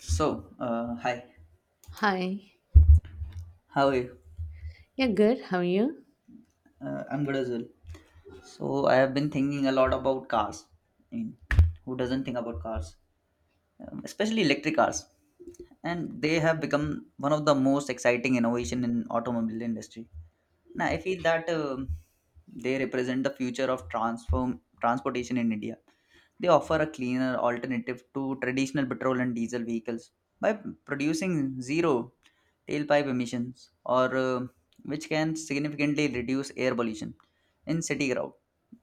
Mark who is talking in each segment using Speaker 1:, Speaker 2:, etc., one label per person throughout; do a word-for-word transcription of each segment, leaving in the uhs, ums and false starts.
Speaker 1: So, uh, hi,
Speaker 2: Hi.
Speaker 1: how are you?
Speaker 2: Yeah, good. How are you?
Speaker 1: Uh, I'm good as well. So, I have been thinking a lot about cars. I mean, who doesn't think about cars? Um, especially electric cars. And they have become one of the most exciting innovation in automobile industry. Now, I feel that um, they represent the future of transform transportation in India. They offer a cleaner alternative to traditional petrol and diesel vehicles by producing zero tailpipe emissions, or uh, which can significantly reduce air pollution in city crowd.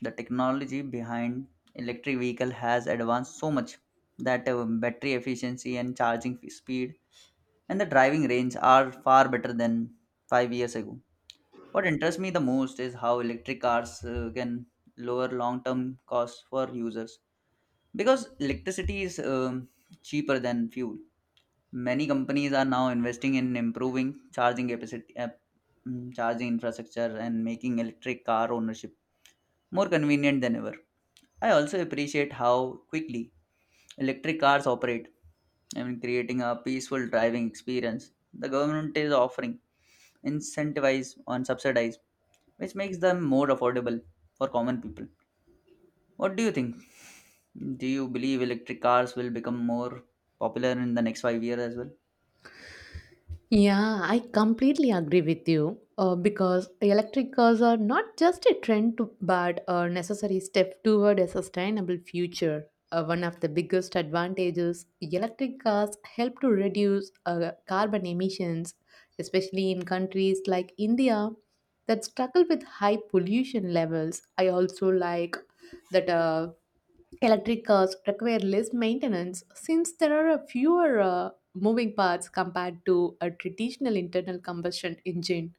Speaker 1: The technology behind electric vehicle has advanced so much that uh, battery efficiency and charging f- speed and the driving range are far better than five years ago. What interests me the most is how electric cars uh, can lower long-term costs for users because electricity is um, cheaper than fuel. Many companies are now investing in improving charging capacity, uh, mm, charging infrastructure, and making electric car ownership more convenient than ever. I also appreciate how quickly electric cars operate. I mean, creating a peaceful driving experience. The government is offering incentivize on subsidize, which makes them more affordable for common people. What do you think? Do you believe electric cars will become more popular in the next five years as well?
Speaker 2: Yeah, I completely agree with you uh, because electric cars are not just a trend to, but a necessary step toward a sustainable future. Uh, one of the biggest advantages, electric cars help to reduce uh, carbon emissions, especially in countries like India that struggle with high pollution levels. I also like that uh, electric cars require less maintenance since there are a fewer uh, moving parts compared to a traditional internal combustion engine.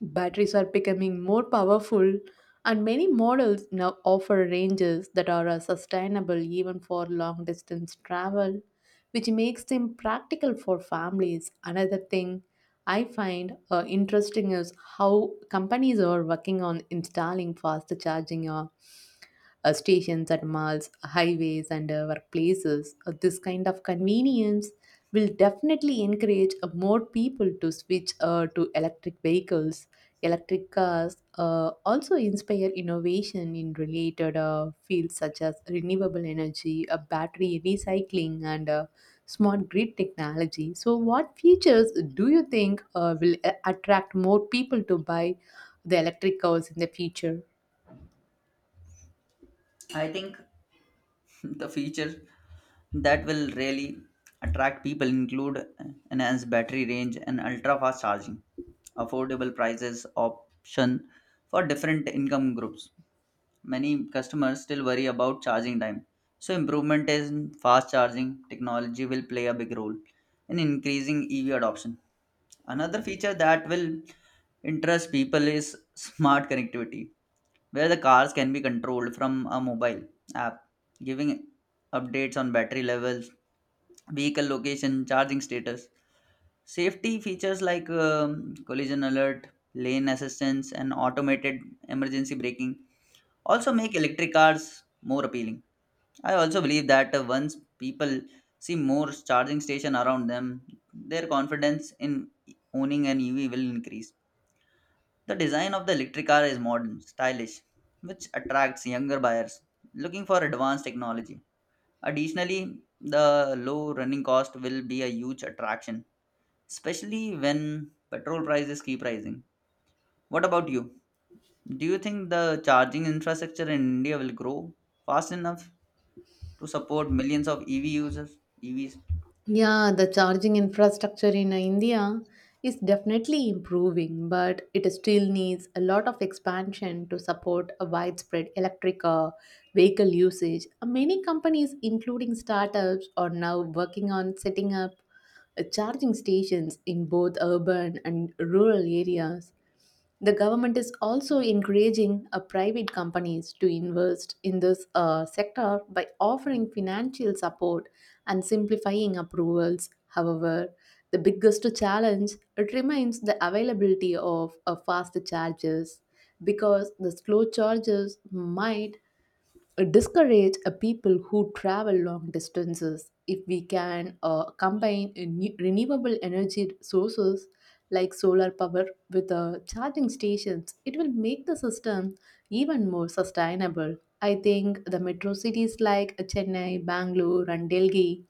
Speaker 2: Batteries are becoming more powerful, and many models now offer ranges that are uh, sustainable even for long distance travel, which makes them practical for families. Another thing I find uh, interesting is how companies are working on installing fast charging uh, uh, stations at malls, highways, and uh, workplaces. Uh, this kind of convenience will definitely encourage uh, more people to switch uh, to electric vehicles. Electric cars uh, also inspire innovation in related uh, fields such as renewable energy, uh, battery recycling, and uh, smart grid technology. So, what features do you think uh, will a- attract more people to buy the electric cars in the future?
Speaker 1: I think the features that will really attract people include enhanced battery range and ultra fast charging affordable prices option for different income groups. Many customers still worry about charging time. So, improvement in fast charging technology will play a big role in increasing E V adoption. Another feature that will interest people is smart connectivity, where the cars can be controlled from a mobile app, giving updates on battery levels, vehicle location, charging status. Safety features like um, collision alert, lane assistance, and automated emergency braking also make electric cars more appealing. I also believe that uh, once people see more charging station around them, their confidence in owning an E V will increase. The design of the electric car is modern, stylish, which attracts younger buyers looking for advanced technology. Additionally, the low running cost will be a huge attraction, especially when petrol prices keep rising. What about you? Do you think the charging infrastructure in India will grow fast enough to support millions of E V users, E Vs?
Speaker 2: Yeah, the charging infrastructure in uh, India is definitely improving, but it still needs a lot of expansion to support a widespread electric uh, vehicle usage. Uh, Many companies, including startups, are now working on setting up uh, charging stations in both urban and rural areas. The government is also encouraging uh, private companies to invest in this uh, sector by offering financial support and simplifying approvals. However, the biggest challenge it remains the availability of uh, fast chargers because the slow chargers might discourage uh, people who travel long distances. If we can uh, combine a new- renewable energy sources like solar power with uh, charging stations, it will make the system even more sustainable. I think the metro cities like Chennai, Bangalore and Delhi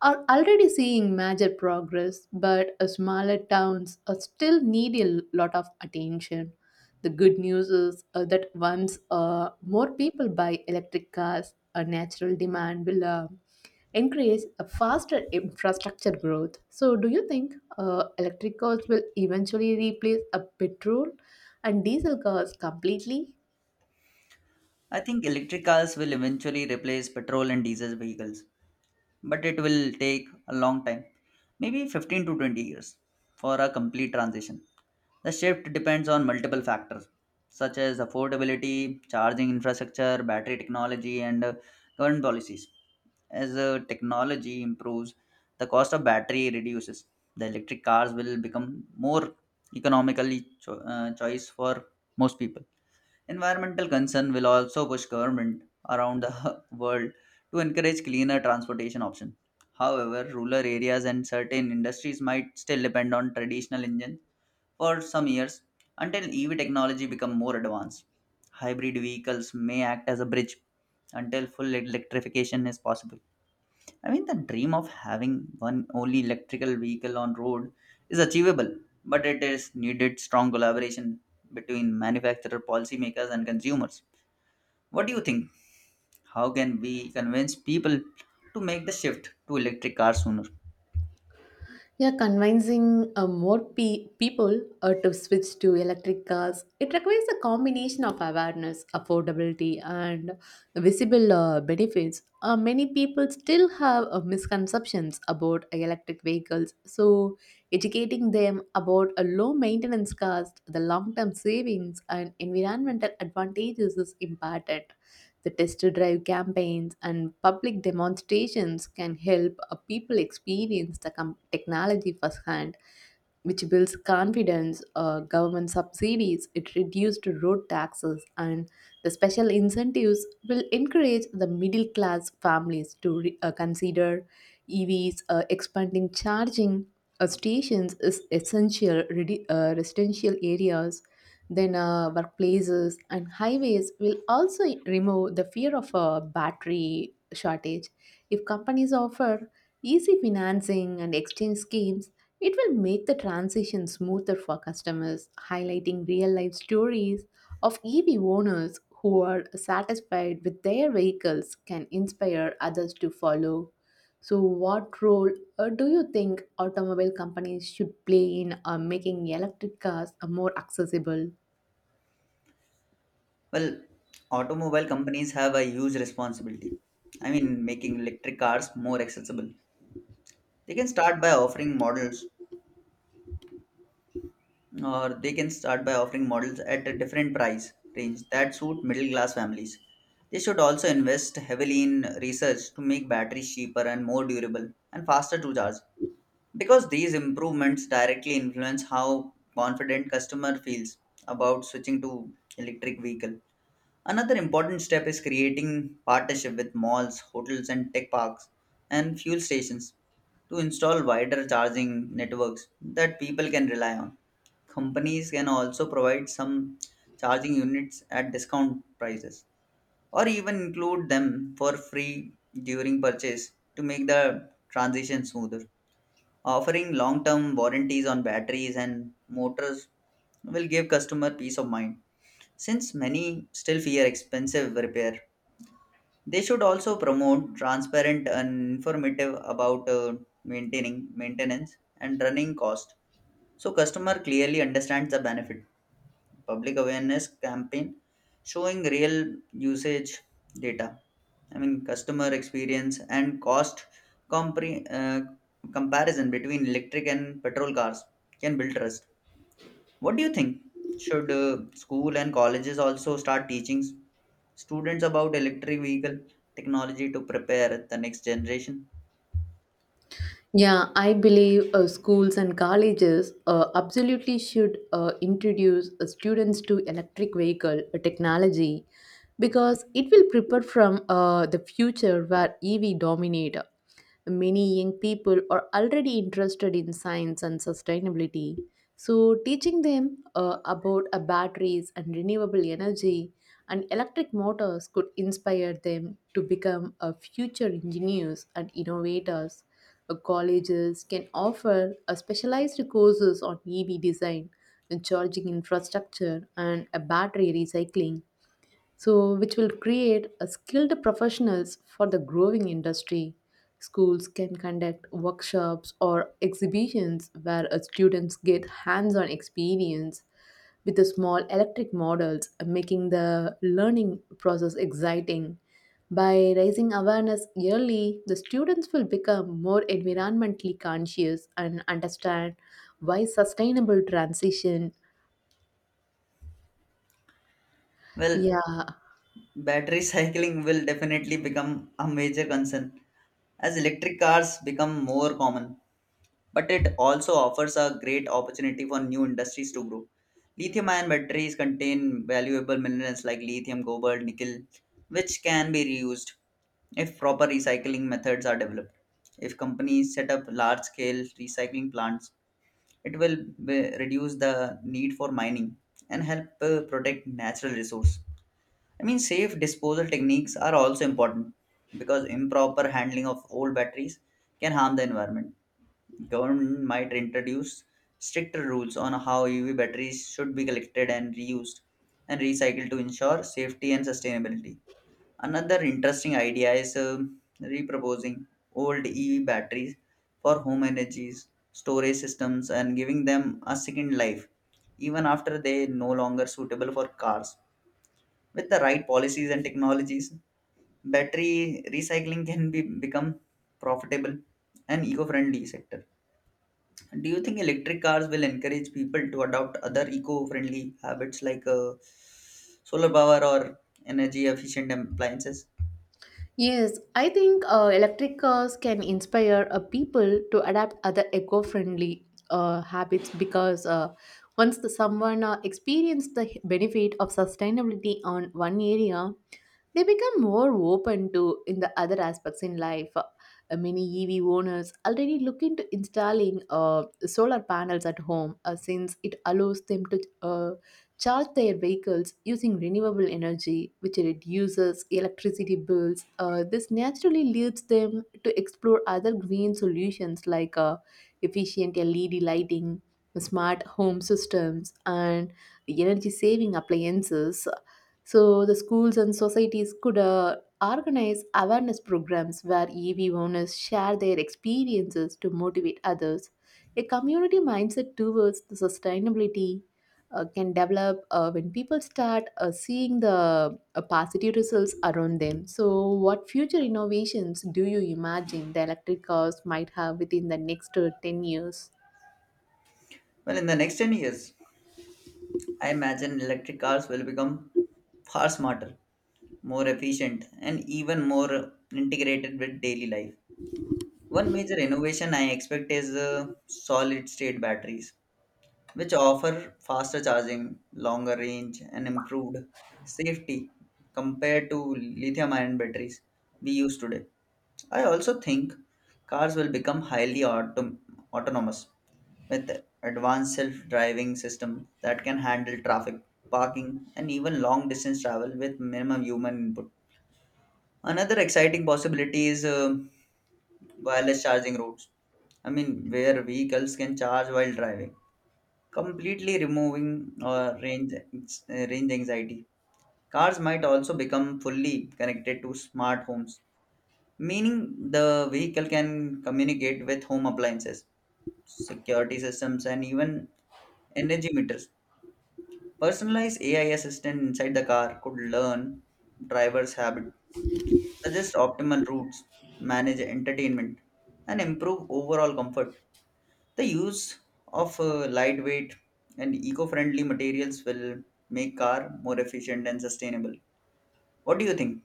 Speaker 2: are already seeing major progress, but uh, smaller towns uh, still need a l- lot of attention. The good news is uh, that once uh, more people buy electric cars, a natural demand will uh, encourage a faster infrastructure growth. So, do you think uh, electric cars will eventually replace a petrol and diesel cars completely?
Speaker 1: I think electric cars will eventually replace petrol and diesel vehicles, but it will take a long time, maybe fifteen to twenty years for a complete transition. The shift depends on multiple factors such as affordability, charging infrastructure, battery technology, and uh, current policies. As uh, technology improves, the cost of battery reduces. The electric cars will become more economically cho- uh, choice for most people. Environmental concern will also push government around the world to encourage cleaner transportation options. However, rural areas and certain industries might still depend on traditional engines for some years until E V technology becomes more advanced. Hybrid vehicles may act as a bridge until full electrification is possible. I mean, the dream of having one only electrical vehicle on road is achievable, but it is needed strong collaboration between manufacturer, policymakers, and consumers. What do you think? How can we convince people to make the shift to electric cars sooner?
Speaker 2: Yeah, convincing uh, more pe- people uh, to switch to electric cars, it requires a combination of awareness, affordability, and visible uh, benefits. Uh, many people still have uh, misconceptions about electric vehicles, so educating them about a low maintenance cost, the long term savings, and environmental advantages is important. The test drive campaigns and public demonstrations can help uh, people experience the com- technology firsthand, which builds confidence. Uh, government subsidies, it reduced road taxes, and the special incentives will encourage the middle class families to re- uh, consider E Vs. Uh, expanding charging uh, stations is essential redi- uh, residential areas. Then uh, workplaces and highways will also remove the fear of a battery shortage. If companies offer easy financing and exchange schemes, it will make the transition smoother for customers. Highlighting real life stories of E V owners who are satisfied with their vehicles can inspire others to follow. So, what role uh, do you think automobile companies should play in uh, making electric cars uh, more accessible?
Speaker 1: Well, automobile companies have a huge responsibility. I mean, making electric cars more accessible. They can start by offering models or they can start by offering models at a different price range that suit middle class families. They should also invest heavily in research to make batteries cheaper and more durable and faster to charge because these improvements directly influence how confident customer feels about switching to electric vehicle. Another important step is creating partnership with malls, hotels, and tech parks and fuel stations to install wider charging networks that people can rely on. Companies can also provide some charging units at discount prices or even include them for free during purchase to make the transition smoother. Offering long term warranties on batteries and motors will give customer peace of mind since many still fear expensive repair, they should also promote transparent and informative about uh, maintaining maintenance and running cost so customer clearly understands the benefit. Public awareness campaign showing real usage data. I mean customer experience and cost compre- uh, comparison between electric and petrol cars can build trust. What do you think? Should uh, school and colleges also start teaching s- students about electric vehicle technology to prepare the next generation?
Speaker 2: Yeah, I believe uh, schools and colleges uh, absolutely should uh, introduce uh, students to electric vehicle uh, technology because it will prepare from uh, the future where E V dominate. Many young people are already interested in science and sustainability. So, teaching them uh, about uh, batteries and renewable energy and electric motors could inspire them to become uh, future engineers and innovators. Uh, colleges can offer uh, specialized courses on E V design, charging infrastructure, and uh, battery recycling, so which will create a skilled professionals for the growing industry. Schools can conduct workshops or exhibitions where uh, students get hands-on experience with the small electric models, uh, making the learning process exciting. By raising awareness early, the students will become more environmentally conscious and understand why sustainable transition.
Speaker 1: Well,
Speaker 2: Yeah.
Speaker 1: battery cycling will definitely become a major concern as electric cars become more common, but it also offers a great opportunity for new industries to grow. Lithium ion batteries contain valuable minerals like lithium, cobalt, nickel, which can be reused if proper recycling methods are developed. If companies set up large scale recycling plants, it will be- reduce the need for mining and help uh, protect natural resource. I mean, safe disposal techniques are also important because improper handling of old batteries can harm the environment. Government might introduce stricter rules on how E V batteries should be collected and reused and recycled to ensure safety and sustainability. Another interesting idea is um, reproposing old E V batteries for home energies, storage systems, and giving them a second life, even after they no longer suitable for cars. With the right policies and technologies, battery recycling can be become profitable and eco-friendly sector. Do you think electric cars will encourage people to adopt other eco-friendly habits like uh, solar power or energy efficient appliances?
Speaker 2: Yes, I think uh, electric cars can inspire uh, people to adapt other eco-friendly uh, habits because uh, once the, someone uh, experiences the h- benefit of sustainability on one area, they become more open to in the other aspects in life. Uh, many E V owners already look into installing uh, solar panels at home uh, since it allows them to uh, charge their vehicles using renewable energy, which reduces electricity bills. Uh, this naturally leads them to explore other green solutions like uh, efficient L E D lighting, smart home systems, and energy saving appliances. So, the schools and societies could uh, organize awareness programs where E V owners share their experiences to motivate others. A community mindset towards the sustainability uh, can develop uh, when people start uh, seeing the uh, positive results around them. So, what future innovations do you imagine the electric cars might have within the next uh, ten years?
Speaker 1: Well, in the next ten years, I imagine electric cars will become far smarter, more efficient, and even more integrated with daily life. One major innovation I expect is uh, solid state batteries, which offer faster charging, longer range, and improved safety compared to lithium ion batteries we use today. I also think cars will become highly autom- autonomous with advanced self-driving system that can handle traffic, parking, and even long distance travel with minimum human input. Another exciting possibility is uh, wireless charging routes. I mean, where vehicles can charge while driving completely removing uh, range uh, range anxiety. Cars might also become fully connected to smart homes, meaning the vehicle can communicate with home appliances, security systems, and even energy meters. Personalized A I assistant inside the car could learn driver's habit, suggest optimal routes, manage entertainment, and improve overall comfort. The use of uh, lightweight and eco-friendly materials will make car more efficient and sustainable. What do you think?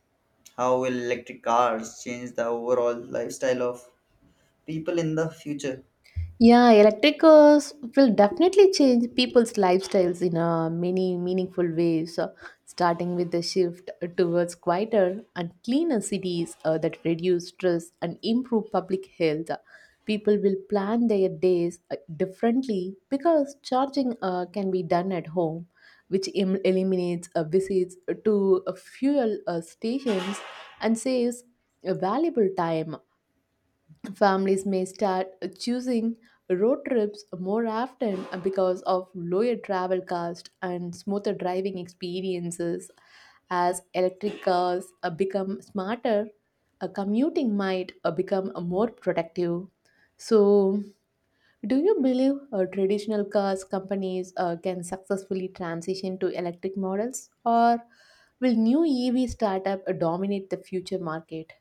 Speaker 1: How will electric cars change the overall lifestyle of people in the future?
Speaker 2: Yeah, electric cars will definitely change people's lifestyles in a many meaningful ways, uh, starting with the shift towards quieter and cleaner cities uh, that reduce stress and improve public health. uh, People will plan their days uh, differently because charging uh, can be done at home, which em- eliminates uh, visits to uh, fuel uh, stations and saves uh, valuable time. Families may start choosing road trips more often because of lower travel cost and smoother driving experiences. As electric cars uh, become smarter, uh, commuting might uh, become uh, more productive. So, do you believe uh, traditional cars companies uh, can successfully transition to electric models, or will new E V startup uh, dominate the future market?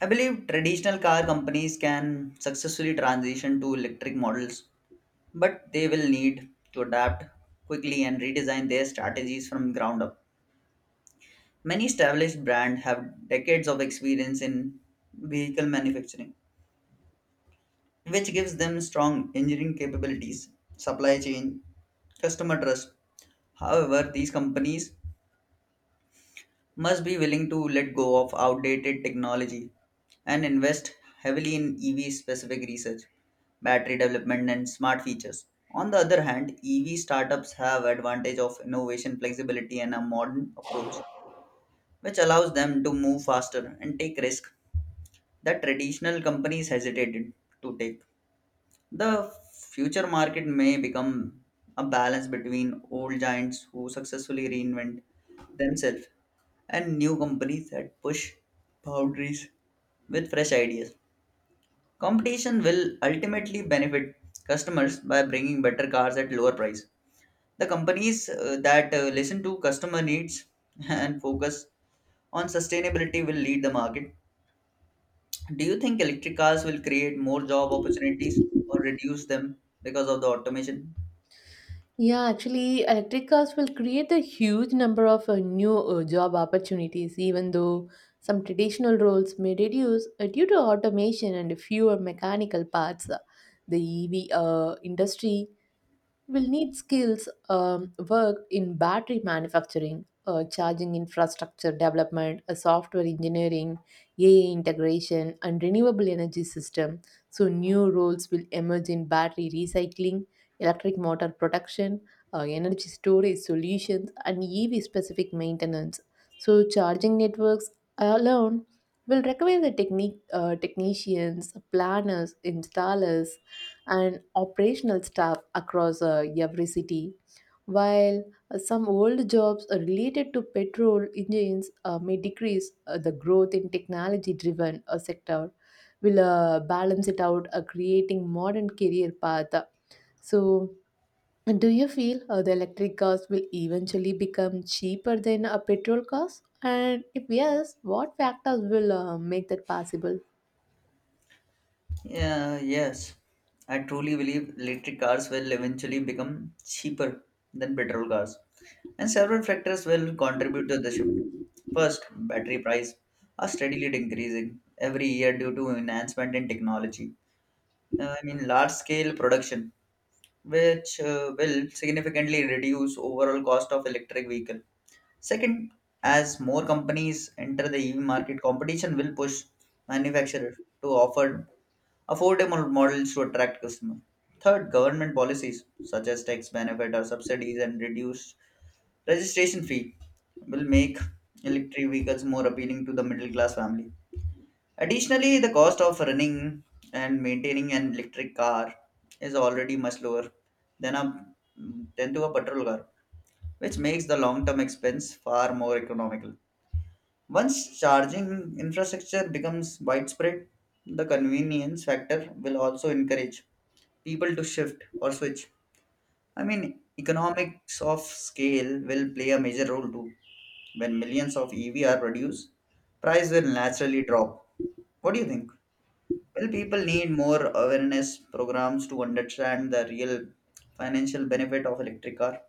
Speaker 1: I believe traditional car companies can successfully transition to electric models, but they will need to adapt quickly and redesign their strategies from ground up. Many established brands have decades of experience in vehicle manufacturing which gives them strong engineering capabilities, supply chain, customer trust. However, these companies must be willing to let go of outdated technology and invest heavily in E V specific research, battery development and smart features. On the other hand, E V startups have advantage of innovation, flexibility and a modern approach which allows them to move faster and take risk that traditional companies hesitated to take. The future market may become a balance between old giants who successfully reinvent themselves and new companies that push boundaries with fresh ideas. Competition will ultimately benefit customers by bringing better cars at lower price. The companies uh, that uh, listen to customer needs and focus on sustainability will lead the market. Do you think electric cars will create more job opportunities or reduce them because of the automation?
Speaker 2: Yeah, actually, electric cars will create a huge number of uh, new uh, job opportunities, even though some traditional roles may reduce uh, due to automation and fewer mechanical parts. The E V uh, industry we'll need skills um, worked in battery manufacturing, uh, charging infrastructure development, uh, software engineering, A I integration, and renewable energy system. So new roles will emerge in battery recycling, electric motor production, uh, energy storage solutions, and E V specific maintenance. So charging networks alone will require the technique uh, technicians, planners, installers, and operational staff across uh, every city, while uh, some old jobs uh, related to petrol engines uh, may decrease. Uh, the growth in technology driven uh, sector will uh, balance it out, uh, creating modern career path. So, do you feel uh, the electric cars will eventually become cheaper than a petrol cars, and if yes, what factors will uh, make that possible?
Speaker 1: Yeah, yes. I truly believe electric cars will eventually become cheaper than petrol cars, and several factors will contribute to the shift. First, battery price are steadily increasing every year due to enhancement in technology. Uh, I mean, large scale production, which uh, will significantly reduce overall cost of electric vehicle. Second, as more companies enter the E V market, competition will push manufacturers to offer affordable models to attract customers. Third, government policies such as tax benefit or subsidies and reduced registration fee will make electric vehicles more appealing to the middle class family. Additionally, the cost of running and maintaining an electric car is already much lower than a than to a petrol car, which makes the long-term expense far more economical. Once charging infrastructure becomes widespread, the convenience factor will also encourage people to shift or switch. I mean, economics of scale will play a major role too. When millions of E V are produced, price will naturally drop. What do you think? Well, people need more awareness programs to understand the real financial benefit of electric car.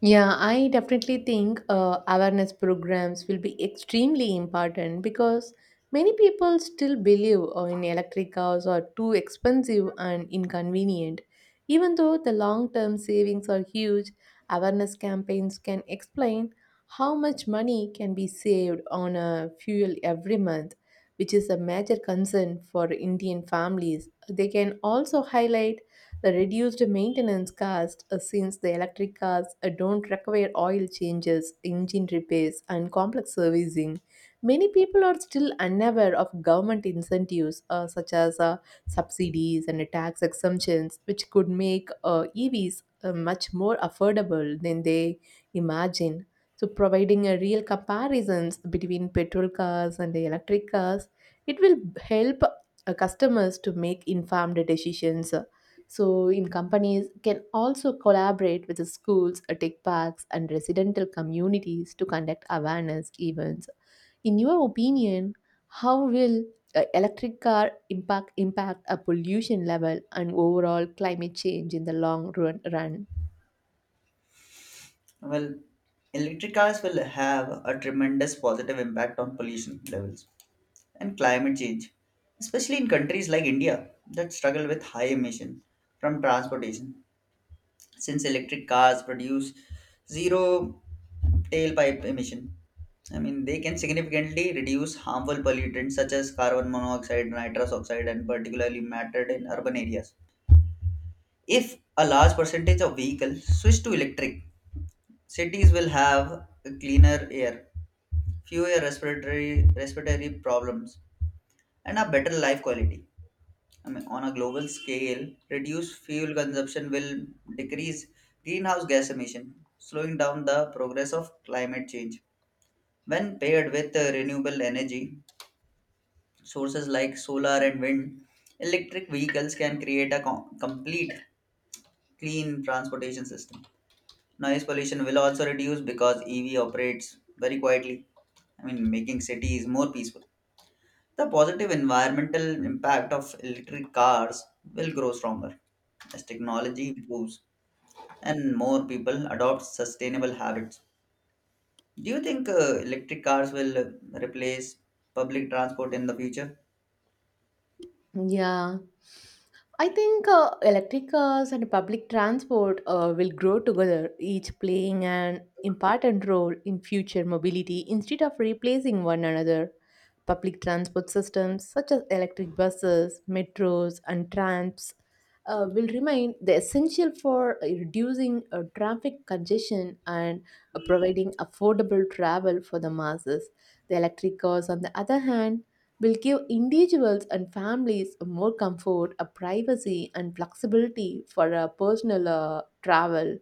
Speaker 2: Yeah, I definitely think uh, awareness programs will be extremely important because many people still believe uh, in electric cars are too expensive and inconvenient. Even though the long term savings are huge, awareness campaigns can explain how much money can be saved on uh, fuel every month, which is a major concern for Indian families. They can also highlight the reduced maintenance cost, uh, since the electric cars uh, don't require oil changes, engine repairs, and complex servicing. Many people are still unaware of government incentives uh, such as uh, subsidies and tax exemptions, which could make uh, E Vs uh, much more affordable than they imagine. So, providing a real comparisons between petrol cars and the electric cars, it will help uh, customers to make informed decisions. So, in companies can also collaborate with the schools, uh, tech parks, and residential communities to conduct awareness events. In your opinion, how will uh, electric car impact impact a pollution level and overall climate change in the long run? run?
Speaker 1: Well, electric cars will have a tremendous positive impact on pollution levels and climate change, especially in countries like India that struggle with high emission from transportation, since electric cars produce zero tailpipe emission. I mean, they can significantly reduce harmful pollutants such as carbon monoxide, nitrous oxide, and particularly mattered in urban areas. If a large percentage of vehicles switch to electric, cities will have cleaner air, fewer respiratory respiratory problems, and a better life quality. I mean, on a global scale, reduced fuel consumption will decrease greenhouse gas emission, slowing down the progress of climate change. When paired with uh, renewable energy sources like solar and wind, electric vehicles can create a com- complete clean transportation system. Noise pollution will also reduce because E V operates very quietly. I mean, making cities more peaceful. The positive environmental impact of electric cars will grow stronger as technology improves and more people adopt sustainable habits. Do you think uh, electric cars will uh, replace public transport in the future?
Speaker 2: Yeah, I think uh, electric cars and public transport uh, will grow together, each playing an important role in future mobility instead of replacing one another. Public transport systems such as electric buses, metros, and trams uh, will remain the essential for uh, reducing uh, traffic congestion and uh, providing affordable travel for the masses. The electric cars, on the other hand, will give individuals and families more comfort, a privacy, and flexibility for a personal uh, travel.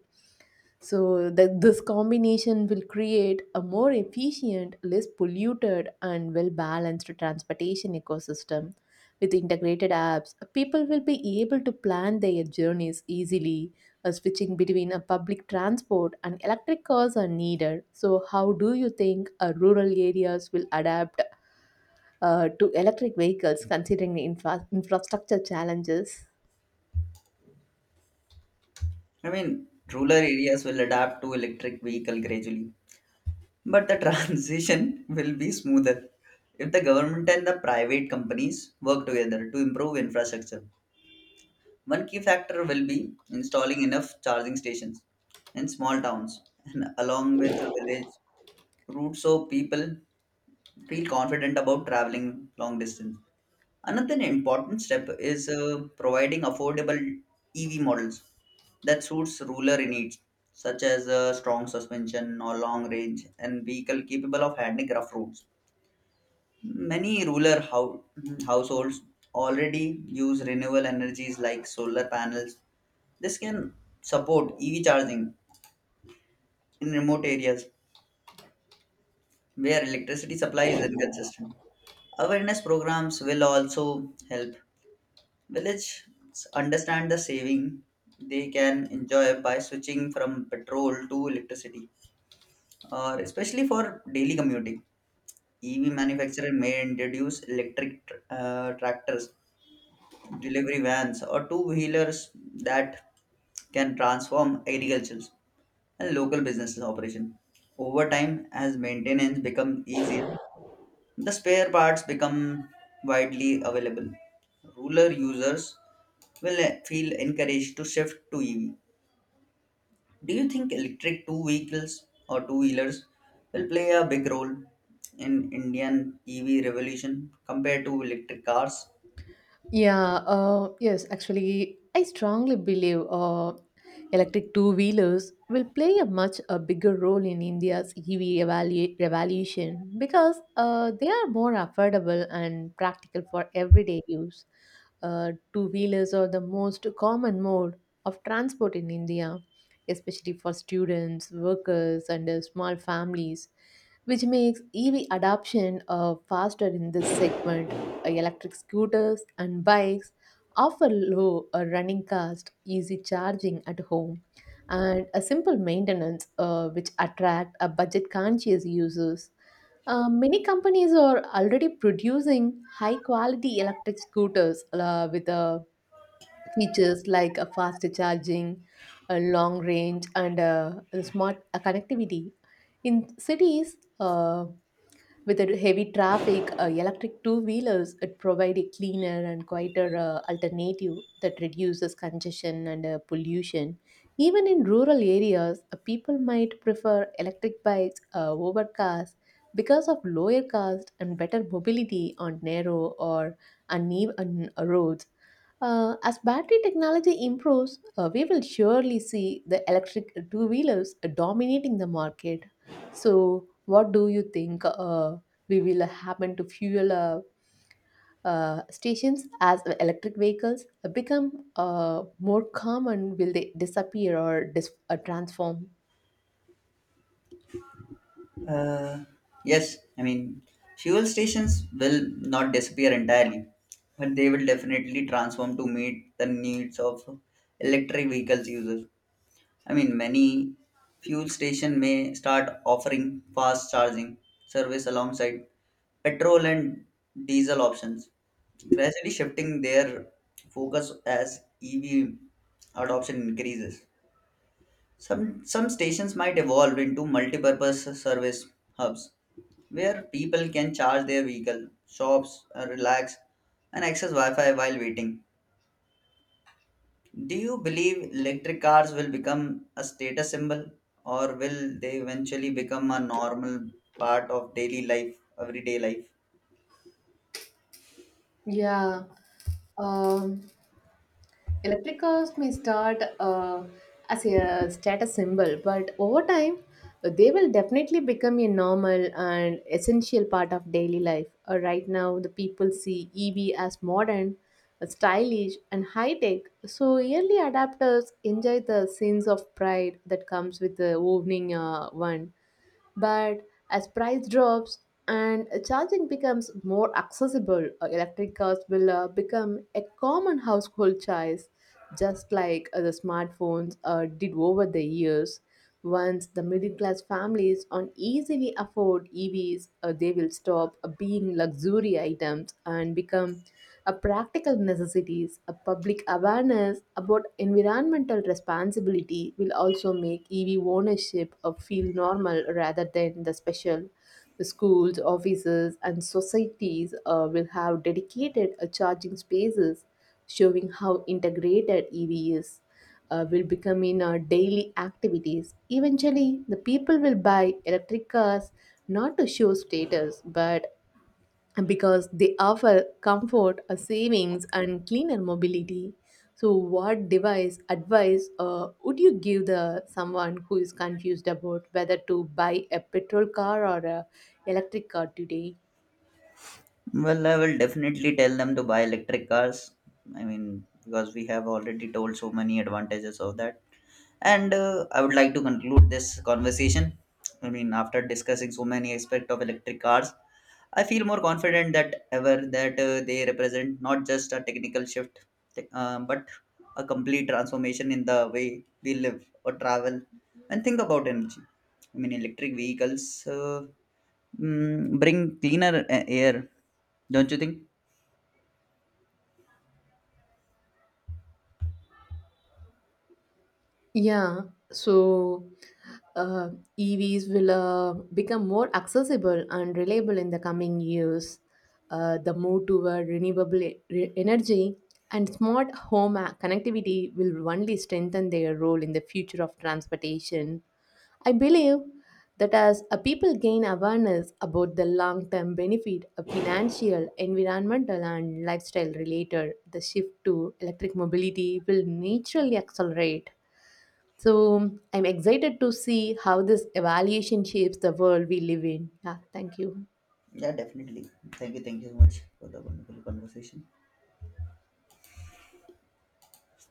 Speaker 2: So that this combination will create a more efficient, less polluted, and well-balanced transportation ecosystem. With integrated apps, people will be able to plan their journeys easily, uh, switching between a public transport and electric cars are needed. So, how do you think uh, rural areas will adapt uh, to electric vehicles considering the infra- infrastructure challenges?
Speaker 1: I mean, rural areas will adapt to electric vehicle gradually, but the transition will be smoother if the government and the private companies work together to improve infrastructure. One key factor will be installing enough charging stations in small towns and along with the village routes so people feel confident about traveling long distance. Another important step is uh, providing affordable E V models that suits rural needs such as uh, strong suspension or long range and vehicle capable of handling rough roads. Many rural hou- households already use renewable energies like solar panels, this can support E V charging in remote areas where electricity supply is inconsistent. Awareness programs will also help villages understand the saving they can enjoy by switching from petrol to electricity, or especially for daily commuting. E V manufacturer may introduce electric tr- uh, tractors, delivery vans, or two wheelers that can transform agriculture and local businesses operation. Over time, as maintenance become easier, the spare parts become widely available. Rural users will eh, feel encouraged to shift to E V. Do you think electric two vehicles or two wheelers will play a big role in Indian E V revolution compared to electric cars?
Speaker 2: Yeah, uh, yes, actually, I strongly believe uh, electric two wheelers will play a much a bigger role in India's E V evalu- revolution because uh, they are more affordable and practical for everyday use. Uh, two wheelers are the most common mode of transport in India, especially for students, workers, and uh, small families, which makes E V adoption uh, faster in this segment. Electric scooters and bikes offer low uh, running cost, easy charging at home, and a simple maintenance uh, which attract a budget-conscious users. Uh, many companies are already producing high-quality electric scooters uh, with uh, features like a fast charging, a long range, and uh, a smart uh, connectivity. In cities, uh, with the heavy traffic, uh, electric two-wheelers it provide a cleaner and quieter uh, alternative that reduces congestion and uh, pollution. Even in rural areas, uh, people might prefer electric bikes uh, over cars because of lower cost and better mobility on narrow or uneven uh, roads. Uh, as battery technology improves, uh, we will surely see the electric two wheelers dominating the market. So, what do you think uh, we will happen to fuel uh, uh, stations as electric vehicles become uh, more common? Will they disappear or dis- uh, transform?
Speaker 1: Uh, yes, I mean, fuel stations will not disappear entirely, but they will definitely transform to meet the needs of electric vehicles users. I mean, many fuel station may start offering fast charging service alongside petrol and diesel options, gradually shifting their focus as E V adoption increases. Some some stations might evolve into multi-purpose service hubs where people can charge their vehicle, shops, uh, relax, and access Wi Fi while waiting. Do you believe electric cars will become a status symbol or will they eventually become a normal part of daily life, everyday life?
Speaker 2: Yeah. Um, Electric cars may start uh, as a status symbol, but over time, they will definitely become a normal and essential part of daily life. Uh, right now, the people see E V as modern, uh, stylish, and high tech. So, early adapters enjoy the sense of pride that comes with the owning uh, one. But as price drops and charging becomes more accessible, uh, electric cars will uh, become a common household choice just like uh, the smartphones uh, did over the years. Once the middle class families on easily afford E Vs, uh, they will stop uh, being luxury items and become a practical necessities. A public awareness about environmental responsibility will also make E V ownership uh, feel normal rather than the special. The schools, offices, and societies uh, will have dedicated uh, charging spaces showing how integrated E V is, uh, will become in our daily activities. Eventually, the people will buy electric cars not to show status, but because they offer comfort, uh, savings, and cleaner mobility. So, what device advice uh, would you give the someone who is confused about whether to buy a petrol car or a electric car today?
Speaker 1: Well, I will definitely tell them to buy electric cars. I mean, because we have already told so many advantages of that. And uh, I would like to conclude this conversation. I mean, after discussing so many aspects of electric cars, I feel more confident that ever that uh, they represent not just a technical shift, te- uh, but a complete transformation in the way we live or travel and think about energy. I mean, electric vehicles uh, mm, bring cleaner a- air, don't you think?
Speaker 2: Yeah, so uh, E Vs will uh, become more accessible and reliable in the coming years. Uh, the move toward renewable e- re- energy and smart home a- connectivity will only strengthen their role in the future of transportation. I believe that as a people gain awareness about the long term benefit of financial, environmental, and lifestyle related, the shift to electric mobility will naturally accelerate. So I'm excited to see how this evaluation shapes the world we live in. Yeah, thank you.
Speaker 1: Yeah, definitely. Thank you. Thank you so much for the wonderful conversation.